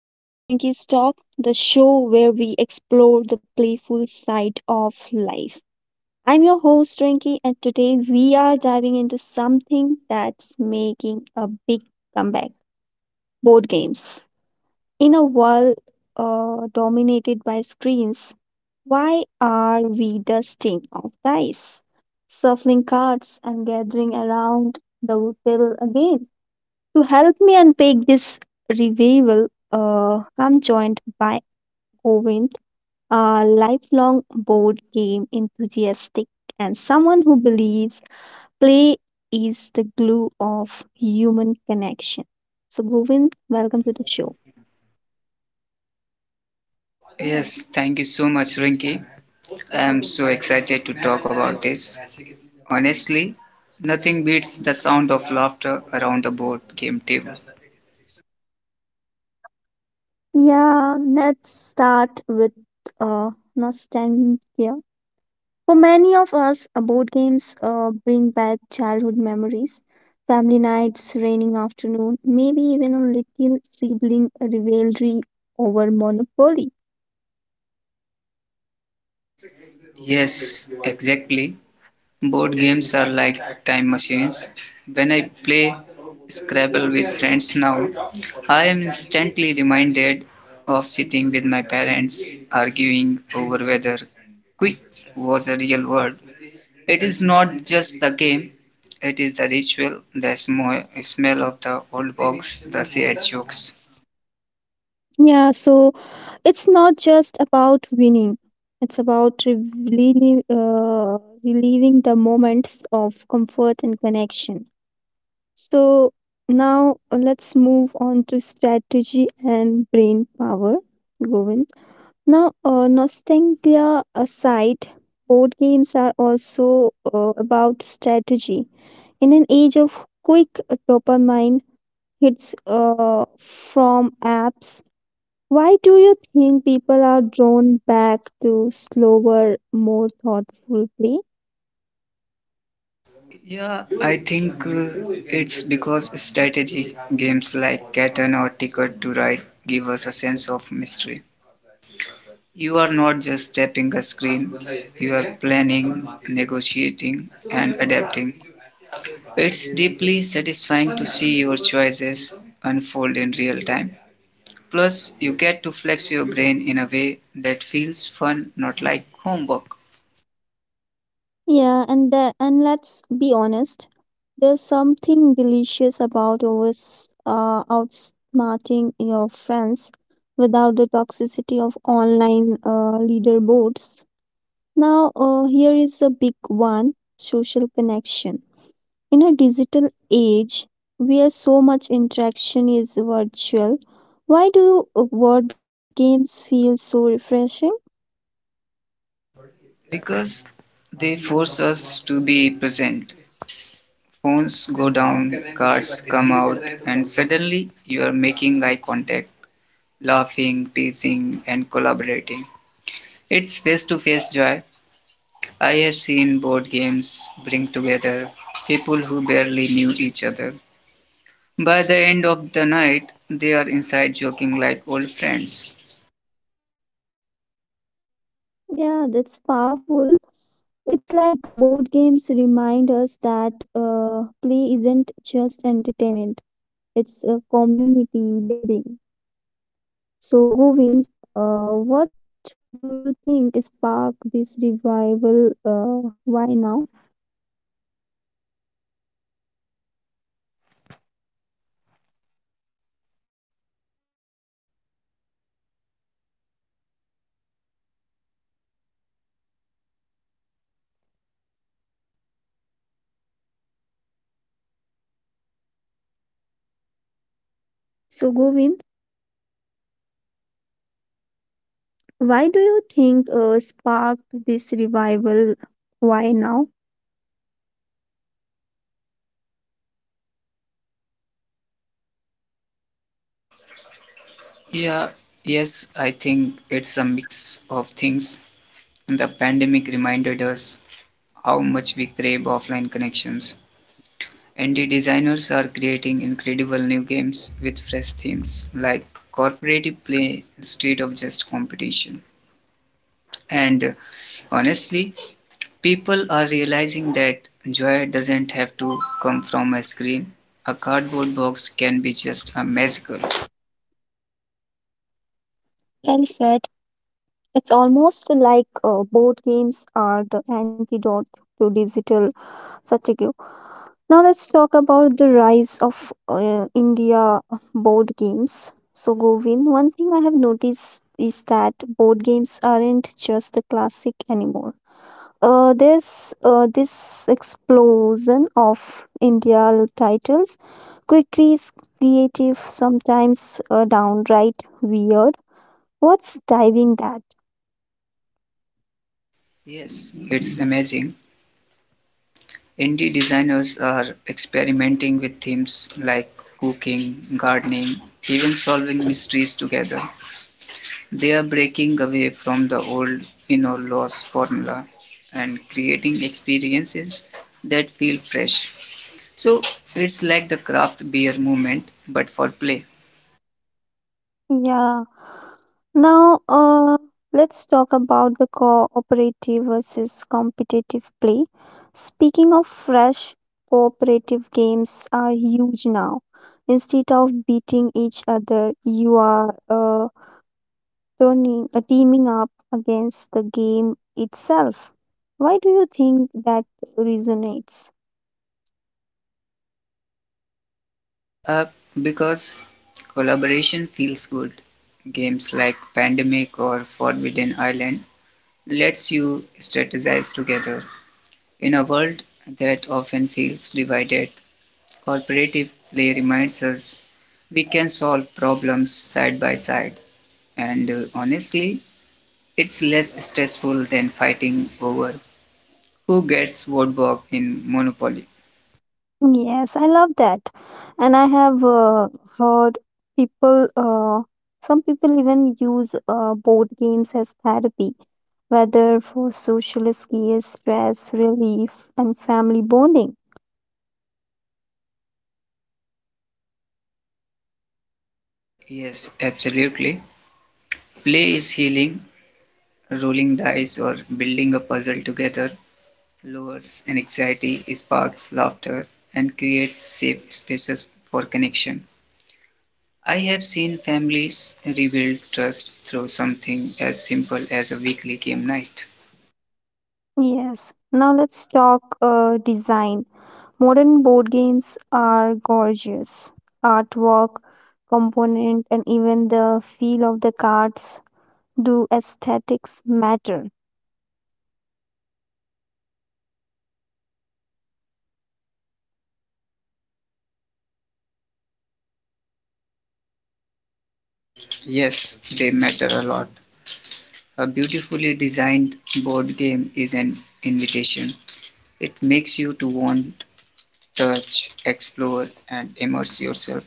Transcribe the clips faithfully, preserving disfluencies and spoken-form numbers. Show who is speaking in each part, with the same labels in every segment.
Speaker 1: This is Rinky's Talk, the show where we explore the playful side of life. I'm your host, Rinky, and today we are diving into something that's making a big comeback board games. In a world uh, dominated by screens, why are we dusting off dice, shuffling cards, and gathering around the table again? To help me unpack this revival, uh, I'm joined by Govind, a lifelong board game enthusiast and someone who believes play is the glue of human connection. So, Govind, welcome to the show.
Speaker 2: Yes, thank you so much, Rinki. I'm so excited to talk about this. Honestly, nothing beats the sound of laughter around a board game table.
Speaker 1: Yeah, let's start with uh, nostalgia. For many of us, uh, board games uh, bring back childhood memories, family nights, raining afternoon, maybe even a little sibling rivalry over Monopoly.
Speaker 2: Yes, exactly. Board games are like time machines. When I play Scrabble with friends now, I am instantly reminded of sitting with my parents arguing over whether quick was a real word. It is not just the game, it is the ritual, the sm- smell of the old box, the shared jokes.
Speaker 1: Yeah, so it's not just about winning, it's about relieving, uh, relieving the moments of comfort and connection. So now uh, let's move on to strategy and brain power, Govind. Now, uh, nostalgia aside, board games are also uh, about strategy. In an age of quick dopamine hits uh, from apps, why do you think people are drawn back to slower, more thoughtful play?
Speaker 2: Yeah, I think uh, it's because strategy games like Catan or Ticket to Ride give us a sense of mystery. You are not just tapping a screen, you are planning, negotiating, and adapting. It's deeply satisfying to see your choices unfold in real time. Plus, you get to flex your brain in a way that feels fun, not like homework.
Speaker 1: Yeah, and the, and let's be honest, there's something delicious about always uh, outsmarting your friends without the toxicity of online uh, leaderboards. Now, uh, here is a big one social connection. In a digital age where so much interaction is virtual, why do word games feel so refreshing?
Speaker 2: Because they force us to be present. Phones go down, cards come out, and suddenly you are making eye contact, laughing, teasing, and collaborating. It's face to face joy. I have seen board games bring together people who barely knew each other. By the end of the night, they are inside joking like old friends.
Speaker 1: Yeah, that's powerful. It's like board games remind us that uh, play isn't just entertainment. It's a community building. So, Govind, uh, what do you think sparked this revival? Uh, why now? So, Govind, why do you think uh, sparked this revival? Why now?
Speaker 2: Yeah, yes, I think it's a mix of things. The pandemic reminded us how much we crave offline connections. And the designers are creating incredible new games with fresh themes like cooperative play instead of just competition. And uh, Honestly, people are realizing that joy doesn't have to come from a screen. A cardboard box can be just a magical.
Speaker 1: Well said. It's almost like uh, board games are the antidote to digital fatigue. Now let's talk about the rise of uh, India board games. So Govin, one thing I have noticed is that board games aren't just the classic anymore. Uh, there's uh, this explosion of India titles, quickies, creative, sometimes uh, downright weird. What's driving that?
Speaker 2: Yes, it's amazing. Indie designers are experimenting with themes like cooking, gardening, even solving mysteries together. They are breaking away from the old win or loss formula and creating experiences that feel fresh. So it's like the craft beer movement, but for play.
Speaker 1: Yeah. Now, uh, let's talk about the cooperative versus competitive play. Speaking of fresh, cooperative games are huge now. Instead of beating each other, you are uh, turning, uh, teaming up against the game itself. Why do you think that resonates?
Speaker 2: Uh, because collaboration feels good. Games like Pandemic or Forbidden Island lets you strategize together. In a world that often feels divided, cooperative play reminds us we can solve problems side by side. And uh, Honestly, it's less stressful than fighting over who gets what bug in Monopoly.
Speaker 1: Yes, I love that. And I have uh, heard people, uh, some people even use uh, board games as therapy, whether for social escape, stress relief, and family bonding.
Speaker 2: Yes, absolutely. Play is healing. Rolling dice or building a puzzle together lowers anxiety, sparks laughter, and creates safe spaces for connection. I have seen families rebuild trust through something as simple as a weekly game night.
Speaker 1: Yes, now let's talk uh, design. Modern board games are gorgeous. Artwork, component, and even the feel of the cards do aesthetics matter.
Speaker 2: Yes, they matter a lot. A beautifully designed board game is an invitation. It makes you to want, touch, explore, and immerse yourself.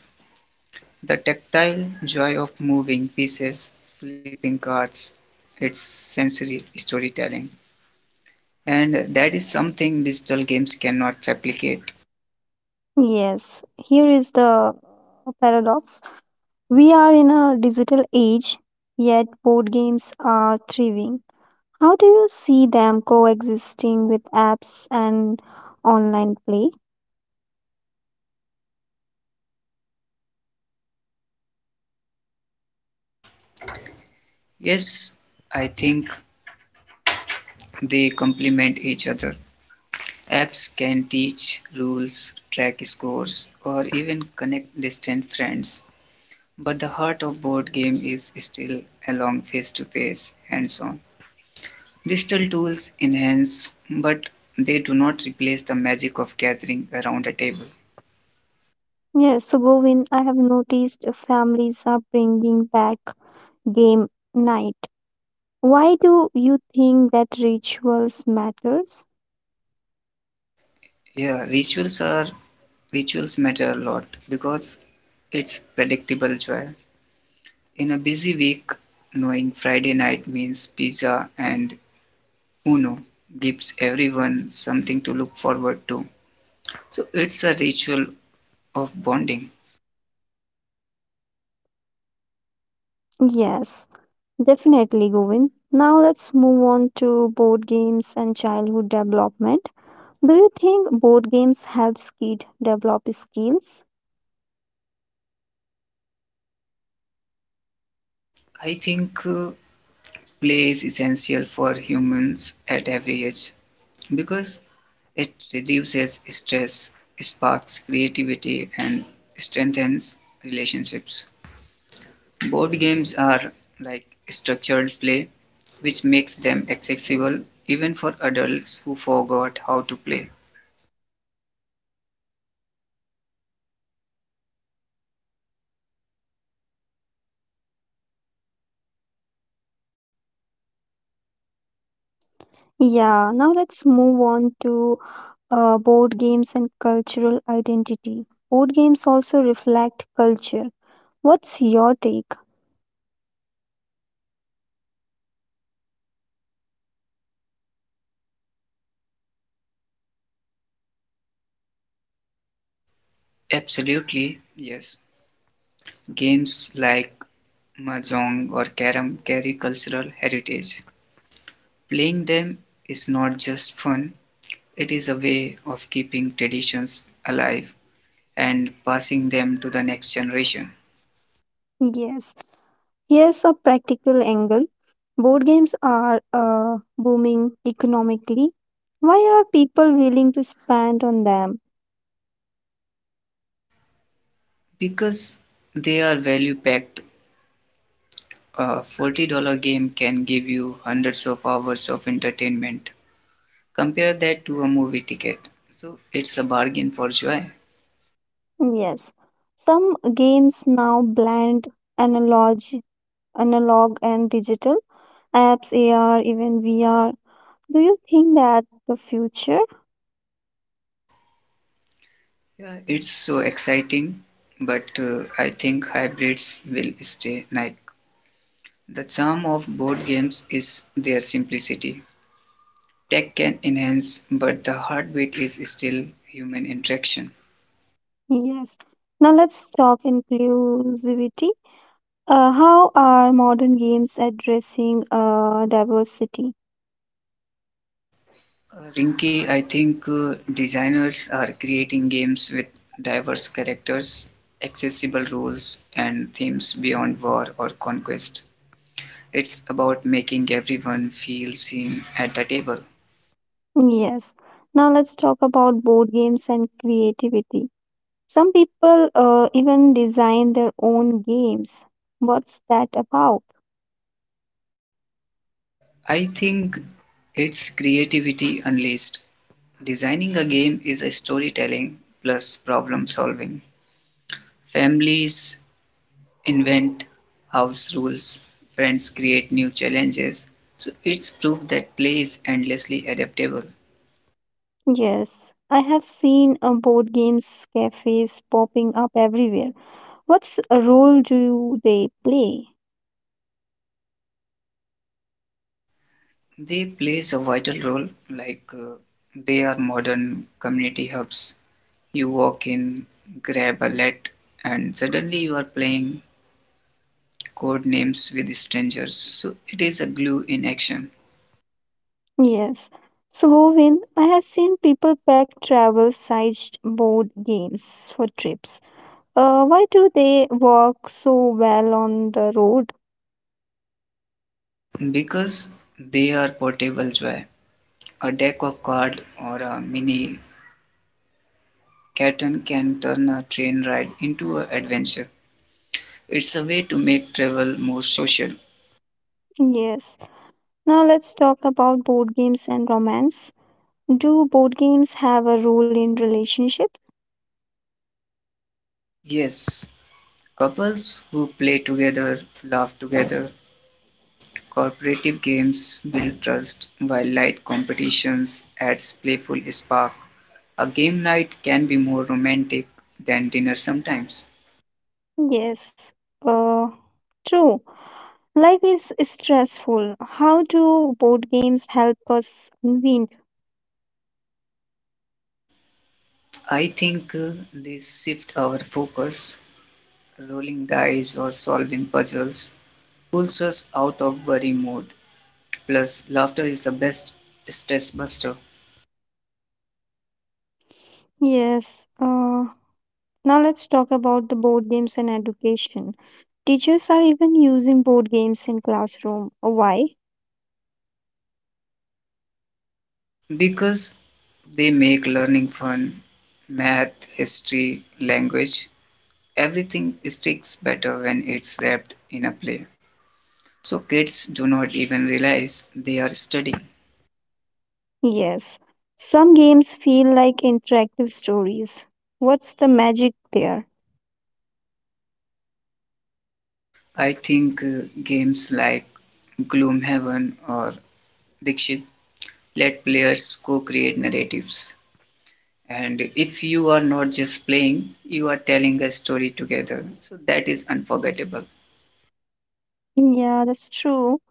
Speaker 2: The tactile joy of moving pieces, flipping cards, it's sensory storytelling. And that is something digital games cannot replicate.
Speaker 1: Yes, here is the paradox. We are in a digital age, yet board games are thriving. How do you see them coexisting with apps and online play?
Speaker 2: Yes, I think they complement each other. Apps can teach rules, track scores, or even connect distant friends. But the heart of board game is still along face-to-face, hands-on. Digital tools enhance, but they do not replace the magic of gathering around a table.
Speaker 1: Yes, so Govind, I have noticed families are bringing back game night. Why do you think that rituals matters?
Speaker 2: Yeah, rituals are rituals matter a lot because it's predictable joy. In a busy week, knowing Friday night means pizza and Uno gives everyone something to look forward to. So it's a ritual of bonding.
Speaker 1: Yes, definitely, Govind. Now let's move on to board games and childhood development. Do you think board games help kids develop skills?
Speaker 2: I think uh, Play is essential for humans at every age because it reduces stress, sparks creativity, and strengthens relationships. Board games are like structured play, which makes them accessible even for adults who forgot how to play.
Speaker 1: Yeah, now let's move on to uh, board games and cultural identity. Board games also reflect culture. What's your take?
Speaker 2: Absolutely, yes. Games like mahjong or carom carry cultural heritage. Playing them is not just fun, it is a way of keeping traditions alive and passing them to the next generation.
Speaker 1: Yes, here's a practical angle. Board games are uh, booming economically. Why are people willing to spend on them?
Speaker 2: Because they are value packed, a forty dollars game can give you hundreds of hours of entertainment. Compare that to a movie ticket. So it's a bargain for joy.
Speaker 1: Yes, some games now blend analog analog and digital, apps, A R, even V R. Do you think that the future?
Speaker 2: Yeah, it's so exciting, but uh, I think hybrids will stay. Like the charm of board games is their simplicity. Tech can enhance, but the heartbeat is still human interaction.
Speaker 1: Yes. Now let's talk inclusivity. Uh, how are modern games addressing uh, diversity?
Speaker 2: Uh, Rinky, I think uh, designers are creating games with diverse characters, accessible rules, and themes beyond war or conquest. It's about making everyone feel seen at the table.
Speaker 1: Yes. Now let's talk about board games and creativity. Some people uh, even design their own games. What's that about?
Speaker 2: I think it's creativity unleashed. Designing a game is a storytelling plus problem solving. Families invent house rules, friends create new challenges. So it's proof that play is endlessly adaptable.
Speaker 1: Yes. I have seen uh, board games cafes popping up everywhere. What's a role do they play?
Speaker 2: They plays a vital role, like uh, they are modern community hubs. You walk in, grab a let, and suddenly you are playing code names with strangers. So it is a glue in action.
Speaker 1: Yes. So, Govind, I have seen people pack travel sized board games for trips. Uh, why do they work so well on the road?
Speaker 2: Because they are portable joy. A deck of cards or a mini Catan can turn a train ride into an adventure. It's a way to make travel more social.
Speaker 1: Yes. Now, let's talk about board games and romance. Do board games have a role in relationships?
Speaker 2: Yes, couples who play together, laugh together. Cooperative games build trust, while light competitions adds playful spark. A game night can be more romantic than dinner sometimes.
Speaker 1: Yes, uh, true. Life is stressful. How do board games help us unwind?
Speaker 2: I think uh, they shift our focus. Rolling dice or solving puzzles pulls us out of worry mode. Plus, laughter is the best stress buster
Speaker 1: Yes, uh, now let's talk about the board games and education. Teachers are even using board games in classroom. Why?
Speaker 2: because they make learning fun. Math, history, language, everything sticks better when it's wrapped in a play. So, kids do not even realize they are studying.
Speaker 1: Yes, some games feel like interactive stories. What's the magic there?
Speaker 2: I think uh, games like Gloomhaven or Dixit let players co create narratives. And if you are not just playing, you are telling a story together. So that is unforgettable.
Speaker 1: Yeah, that's true.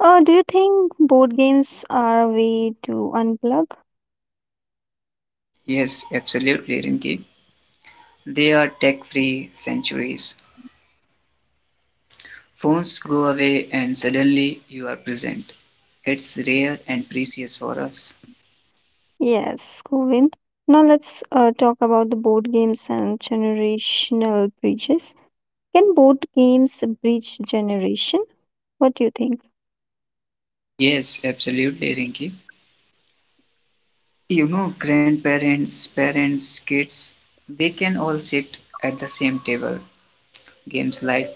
Speaker 1: Uh, do you think board games are a way to unplug?
Speaker 2: Yes, absolutely, Rinki. They are tech free centuries. Phones go away and suddenly you are present. It's rare and precious for us.
Speaker 1: Yes, Govind. Now let's uh, talk about the board games and generational bridges. Can board games bridge generation? What do you think?
Speaker 2: Yes, absolutely, Rinki. You know, grandparents, parents, kids, they can all sit at the same table. Games like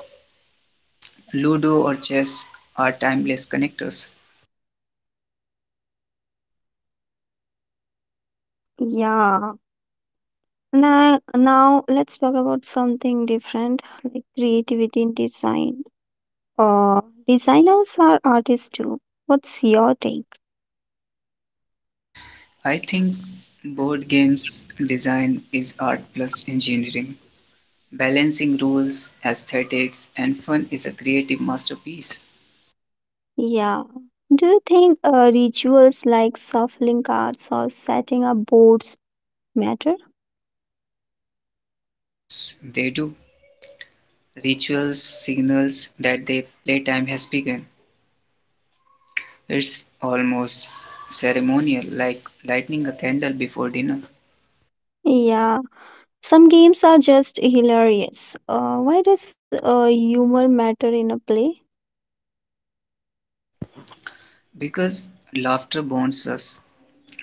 Speaker 2: Ludo or chess are timeless connectors.
Speaker 1: Yeah. Now, now let's talk about something different, like creativity in design. Uh, Designers are artists too. What's your take?
Speaker 2: I think board games design is art plus engineering. Balancing rules, aesthetics, and fun is a creative masterpiece.
Speaker 1: Yeah. Do you think uh, rituals like shuffling cards or setting up boards matter?
Speaker 2: Yes, they do. Rituals signals that their playtime has begun. It's almost ceremonial, like lighting a candle before dinner.
Speaker 1: Yeah. Some games are just hilarious. Uh, why does uh, humor matter in a play?
Speaker 2: Because laughter bonds us.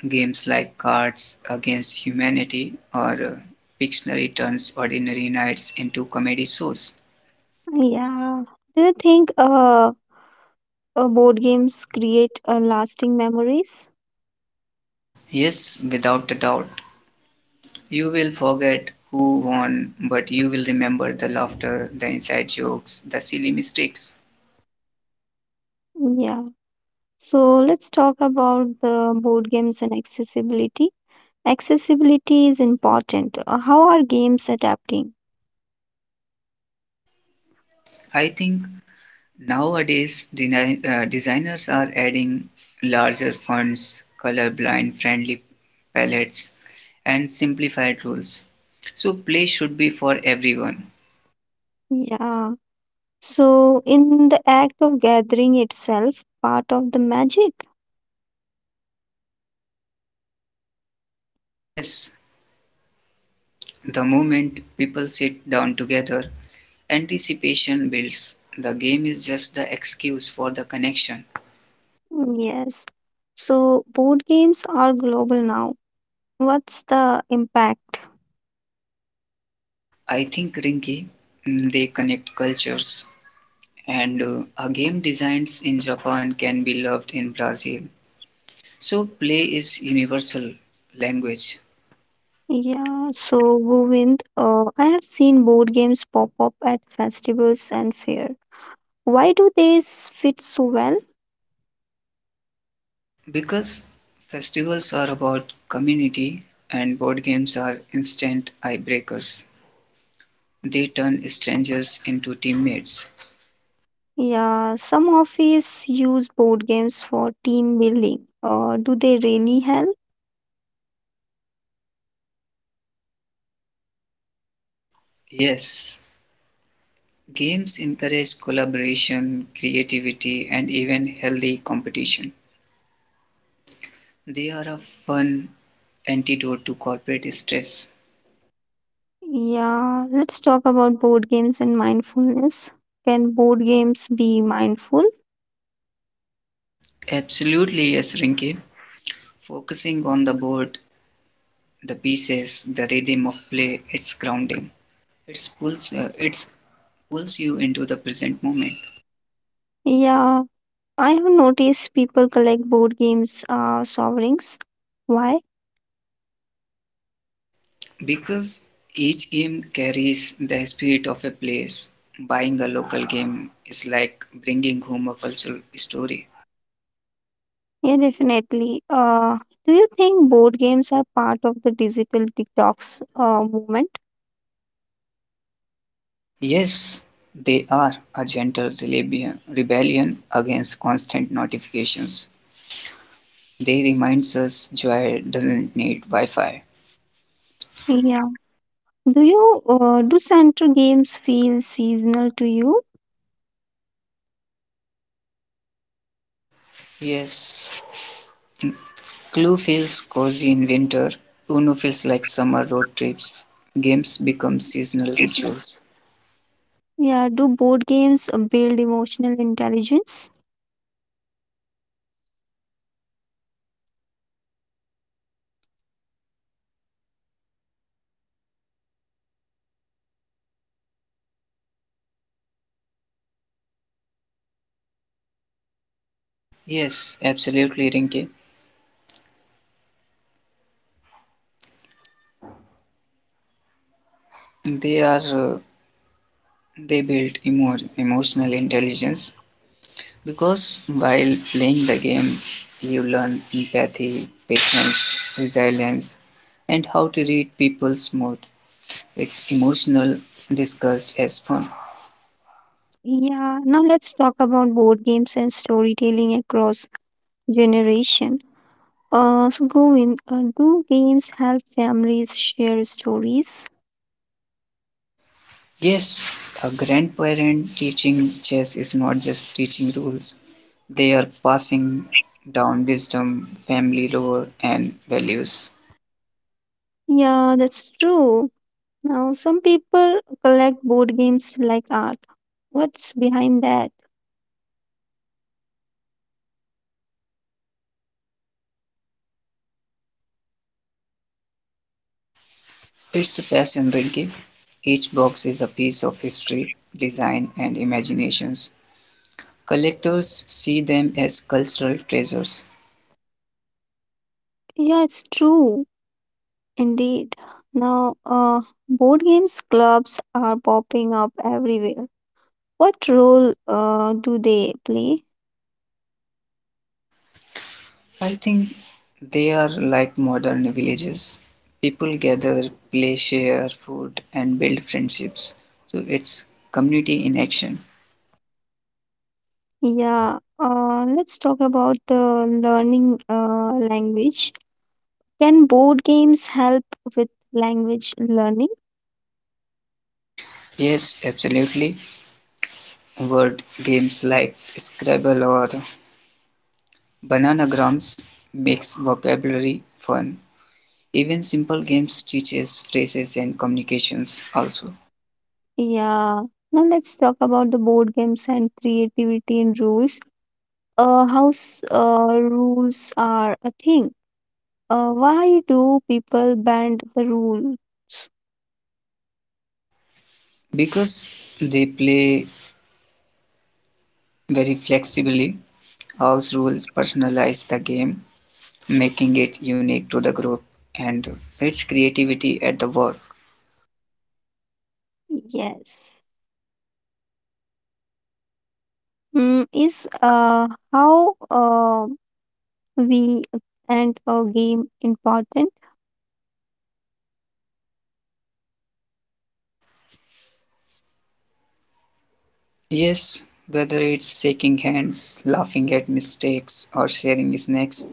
Speaker 2: Games like Cards Against Humanity or uh, Pictionary turns ordinary nights into comedy shows.
Speaker 1: Yeah. Do you think uh, uh, board games create uh, lasting memories?
Speaker 2: Yes, without a doubt. You will forget who won, but you will remember the laughter, the inside jokes, the silly mistakes.
Speaker 1: Yeah. So let's talk about the board games and accessibility. Accessibility is important. Uh, How are games adapting?
Speaker 2: I think nowadays deni- uh, designers are adding larger fonts, colorblind friendly palettes, and simplified rules. So play should be for everyone.
Speaker 1: Yeah. So, in the act of gathering itself, part of the magic?
Speaker 2: Yes, the moment people sit down together, anticipation builds. The game is just the excuse for the connection.
Speaker 1: Hmm, yes. So, board games are global now. What's the impact?
Speaker 2: I think Rinki, mm, they connect cultures, and uh, a game designed in Japan can be loved in Brazil. So, play is universal language
Speaker 1: Yeah, so Govind, uh, I have seen board games pop up at festivals and fair. Why do they s- fit so well?
Speaker 2: because festivals are about community and board games are instant icebreakers. They turn strangers into teammates.
Speaker 1: Yeah, some offices use board games for team building. Uh, do they really help?
Speaker 2: Yes, games encourage collaboration, creativity, and even healthy competition. They are a fun antidote to corporate stress.
Speaker 1: Yeah, let's talk about board games and mindfulness. Can board games be mindful?
Speaker 2: Absolutely, yes, Rinki. Focusing on the board, the pieces, the rhythm of play, it's grounding. It pulls, uh, it's pulls you into the present moment
Speaker 1: Yeah, I have noticed people collect board games uh, sovereigns. Why?
Speaker 2: because each game carries the spirit of a place. Buying a local game is like bringing home a cultural story.
Speaker 1: Yeah, definitely. Uh, do you think board games are part of the digital detox uh, movement?
Speaker 2: Yes, they are a gentle rebellion rebellion against constant notifications. They reminds us joy doesn't need Wi-Fi.
Speaker 1: Yeah. Do you uh, do center games feel seasonal to you?
Speaker 2: Yes, Clue feels cozy in winter. Uno feels like summer road trips. Games become seasonal
Speaker 1: It's
Speaker 2: rituals.
Speaker 1: yeah. Do board games uh, build emotional intelligence?
Speaker 2: Yes, absolutely, Rinke. They are uh, they build emo- emotional intelligence because while playing the game, you learn empathy, patience, resilience, and how to read people's mood. It's emotional discussed as fun.
Speaker 1: Yeah, now let's talk about board games and storytelling across generation. Uh, so Govind, uh, do games help families share stories?
Speaker 2: Yes, a grandparent teaching chess is not just teaching rules, they are passing down wisdom, family lore, and values.
Speaker 1: Yeah, that's true. Now, some people collect board games like art. What's behind that?
Speaker 2: It's a passion, Rinky. Each box is a piece of history, design, and imaginations. Collectors see them as cultural treasures.
Speaker 1: Yeah, it's true, indeed. Now, uh, board games clubs are popping up everywhere. What role uh, do they play?
Speaker 2: I think they are like modern villages. People gather, play, share food, and build friendships. So it's community in action.
Speaker 1: Yeah, uh, let's talk about uh, learning uh, language. Can board games help with language learning?
Speaker 2: Yes, absolutely. Word games like Scrabble or Bananagrams makes vocabulary fun. Even simple games teaches phrases and communications also.
Speaker 1: Yeah, now let's talk about the board games and creativity in rules. Uh, how s- uh, rules are a thing. Uh, why do people bend the rules?
Speaker 2: Because they play very flexibly, house rules personalize the game, making it unique to the group and its creativity at the work.
Speaker 1: Yes. Mm, is uh, how uh, we and a game important?
Speaker 2: Yes, whether it's shaking hands, laughing at mistakes, or sharing snacks,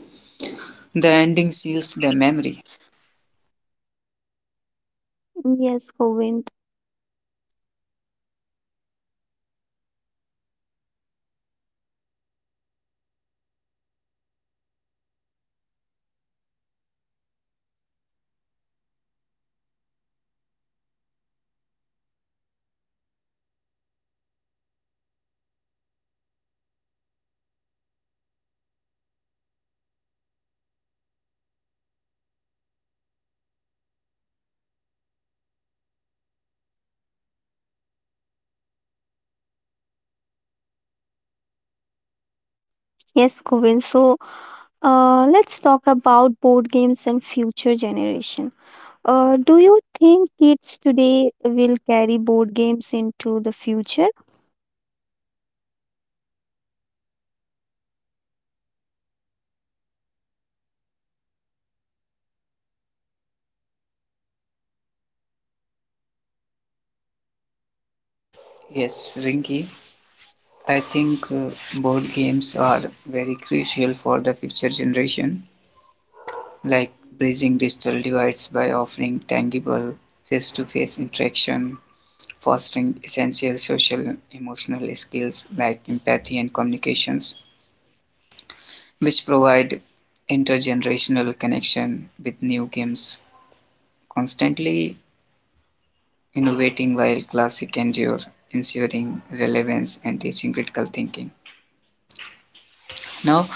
Speaker 2: the ending seals the memory.
Speaker 1: Yes, Govind. Yes, Govind. So Uh, let's talk about board games and future generation. Uh, do you think kids today will carry board games into the future?
Speaker 2: Yes, Rinki. I think uh, board games are very crucial for the future generation, like bridging digital divides by offering tangible face-to-face interaction, fostering essential social and emotional skills like empathy and communications, which provide intergenerational connection with new games, constantly innovating while classic endure, ensuring relevance and teaching critical thinking. Now,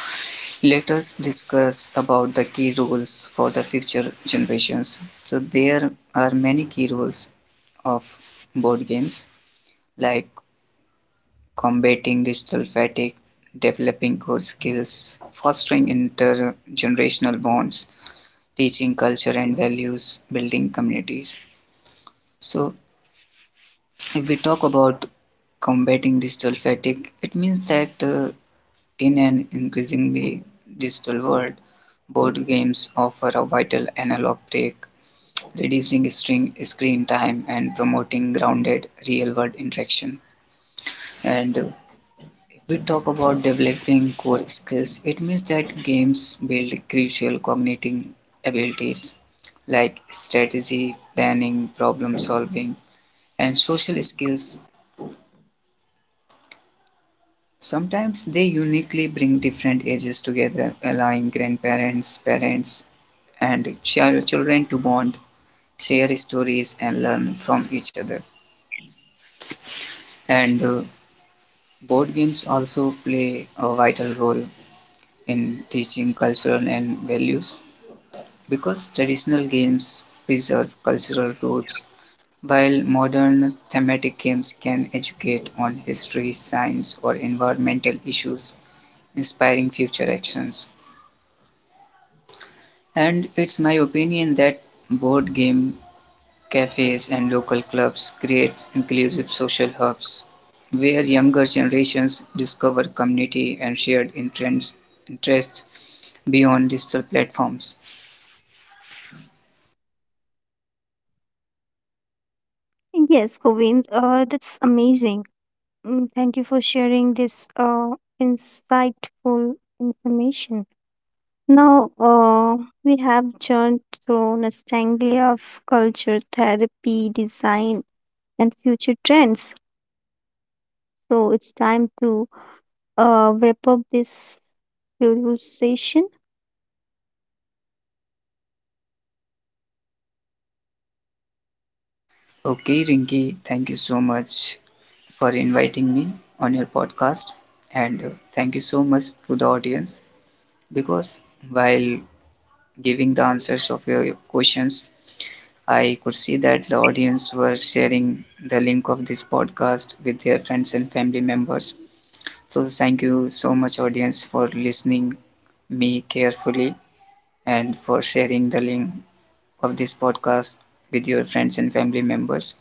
Speaker 2: let us discuss about the key roles for the future generations. So there are many key roles of board games like combating digital fatigue, developing core skills, fostering intergenerational bonds, teaching culture and values, building communities. So if we talk about combating digital fatigue, it means that uh, In an increasingly digital world, board games offer a vital analog break, reducing string, screen time and promoting grounded real-world interaction. And uh, If we talk about developing core skills, it means that games build crucial cognitive abilities like strategy, planning, problem solving, and social skills. Sometimes they uniquely bring different ages together, allowing grandparents, parents, and chil- children to bond, share stories, and learn from each other. And uh, Board games also play a vital role in teaching cultural and values because traditional games preserve cultural roots, while modern thematic games can educate on history, science, or environmental issues, inspiring future actions. And it's my opinion that board game cafes and local clubs creates inclusive social hubs where younger generations discover community and shared interests interests beyond digital platforms.
Speaker 1: Yes, Govind, uh, that's amazing. Mm, thank you for sharing this uh, insightful information. Now, uh, we have churned through a Nastanglia of culture, therapy, design, and future trends. So it's time to uh, wrap up this conversation.
Speaker 2: Okay, Rinki, thank you so much for inviting me on your podcast and uh, thank you so much to the audience because while giving the answers of your questions I could see that the audience were sharing the link of this podcast with their friends and family members. So thank you so much audience for listening me carefully and for sharing the link of this podcast with your friends and family members.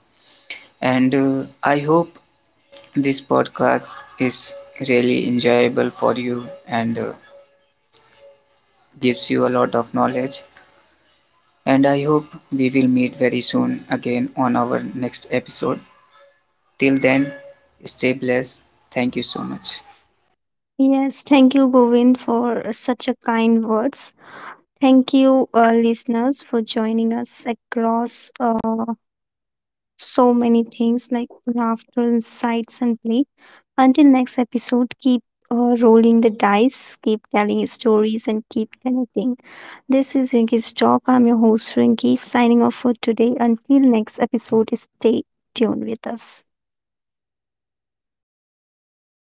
Speaker 2: And uh, I hope this podcast is really enjoyable for you and uh, gives you a lot of knowledge. And I hope we will meet very soon again on our next episode. Till then, stay blessed. Thank you so much.
Speaker 1: Yes, thank you, Govind, for such a kind words. Thank you, uh, listeners, for joining us across uh, so many things like laughter, insights, and play. Until next episode, keep uh, rolling the dice, keep telling stories, and keep connecting. This is Rinky's Talk. I'm your host, Rinky, signing off for today. Until next episode, stay tuned with us.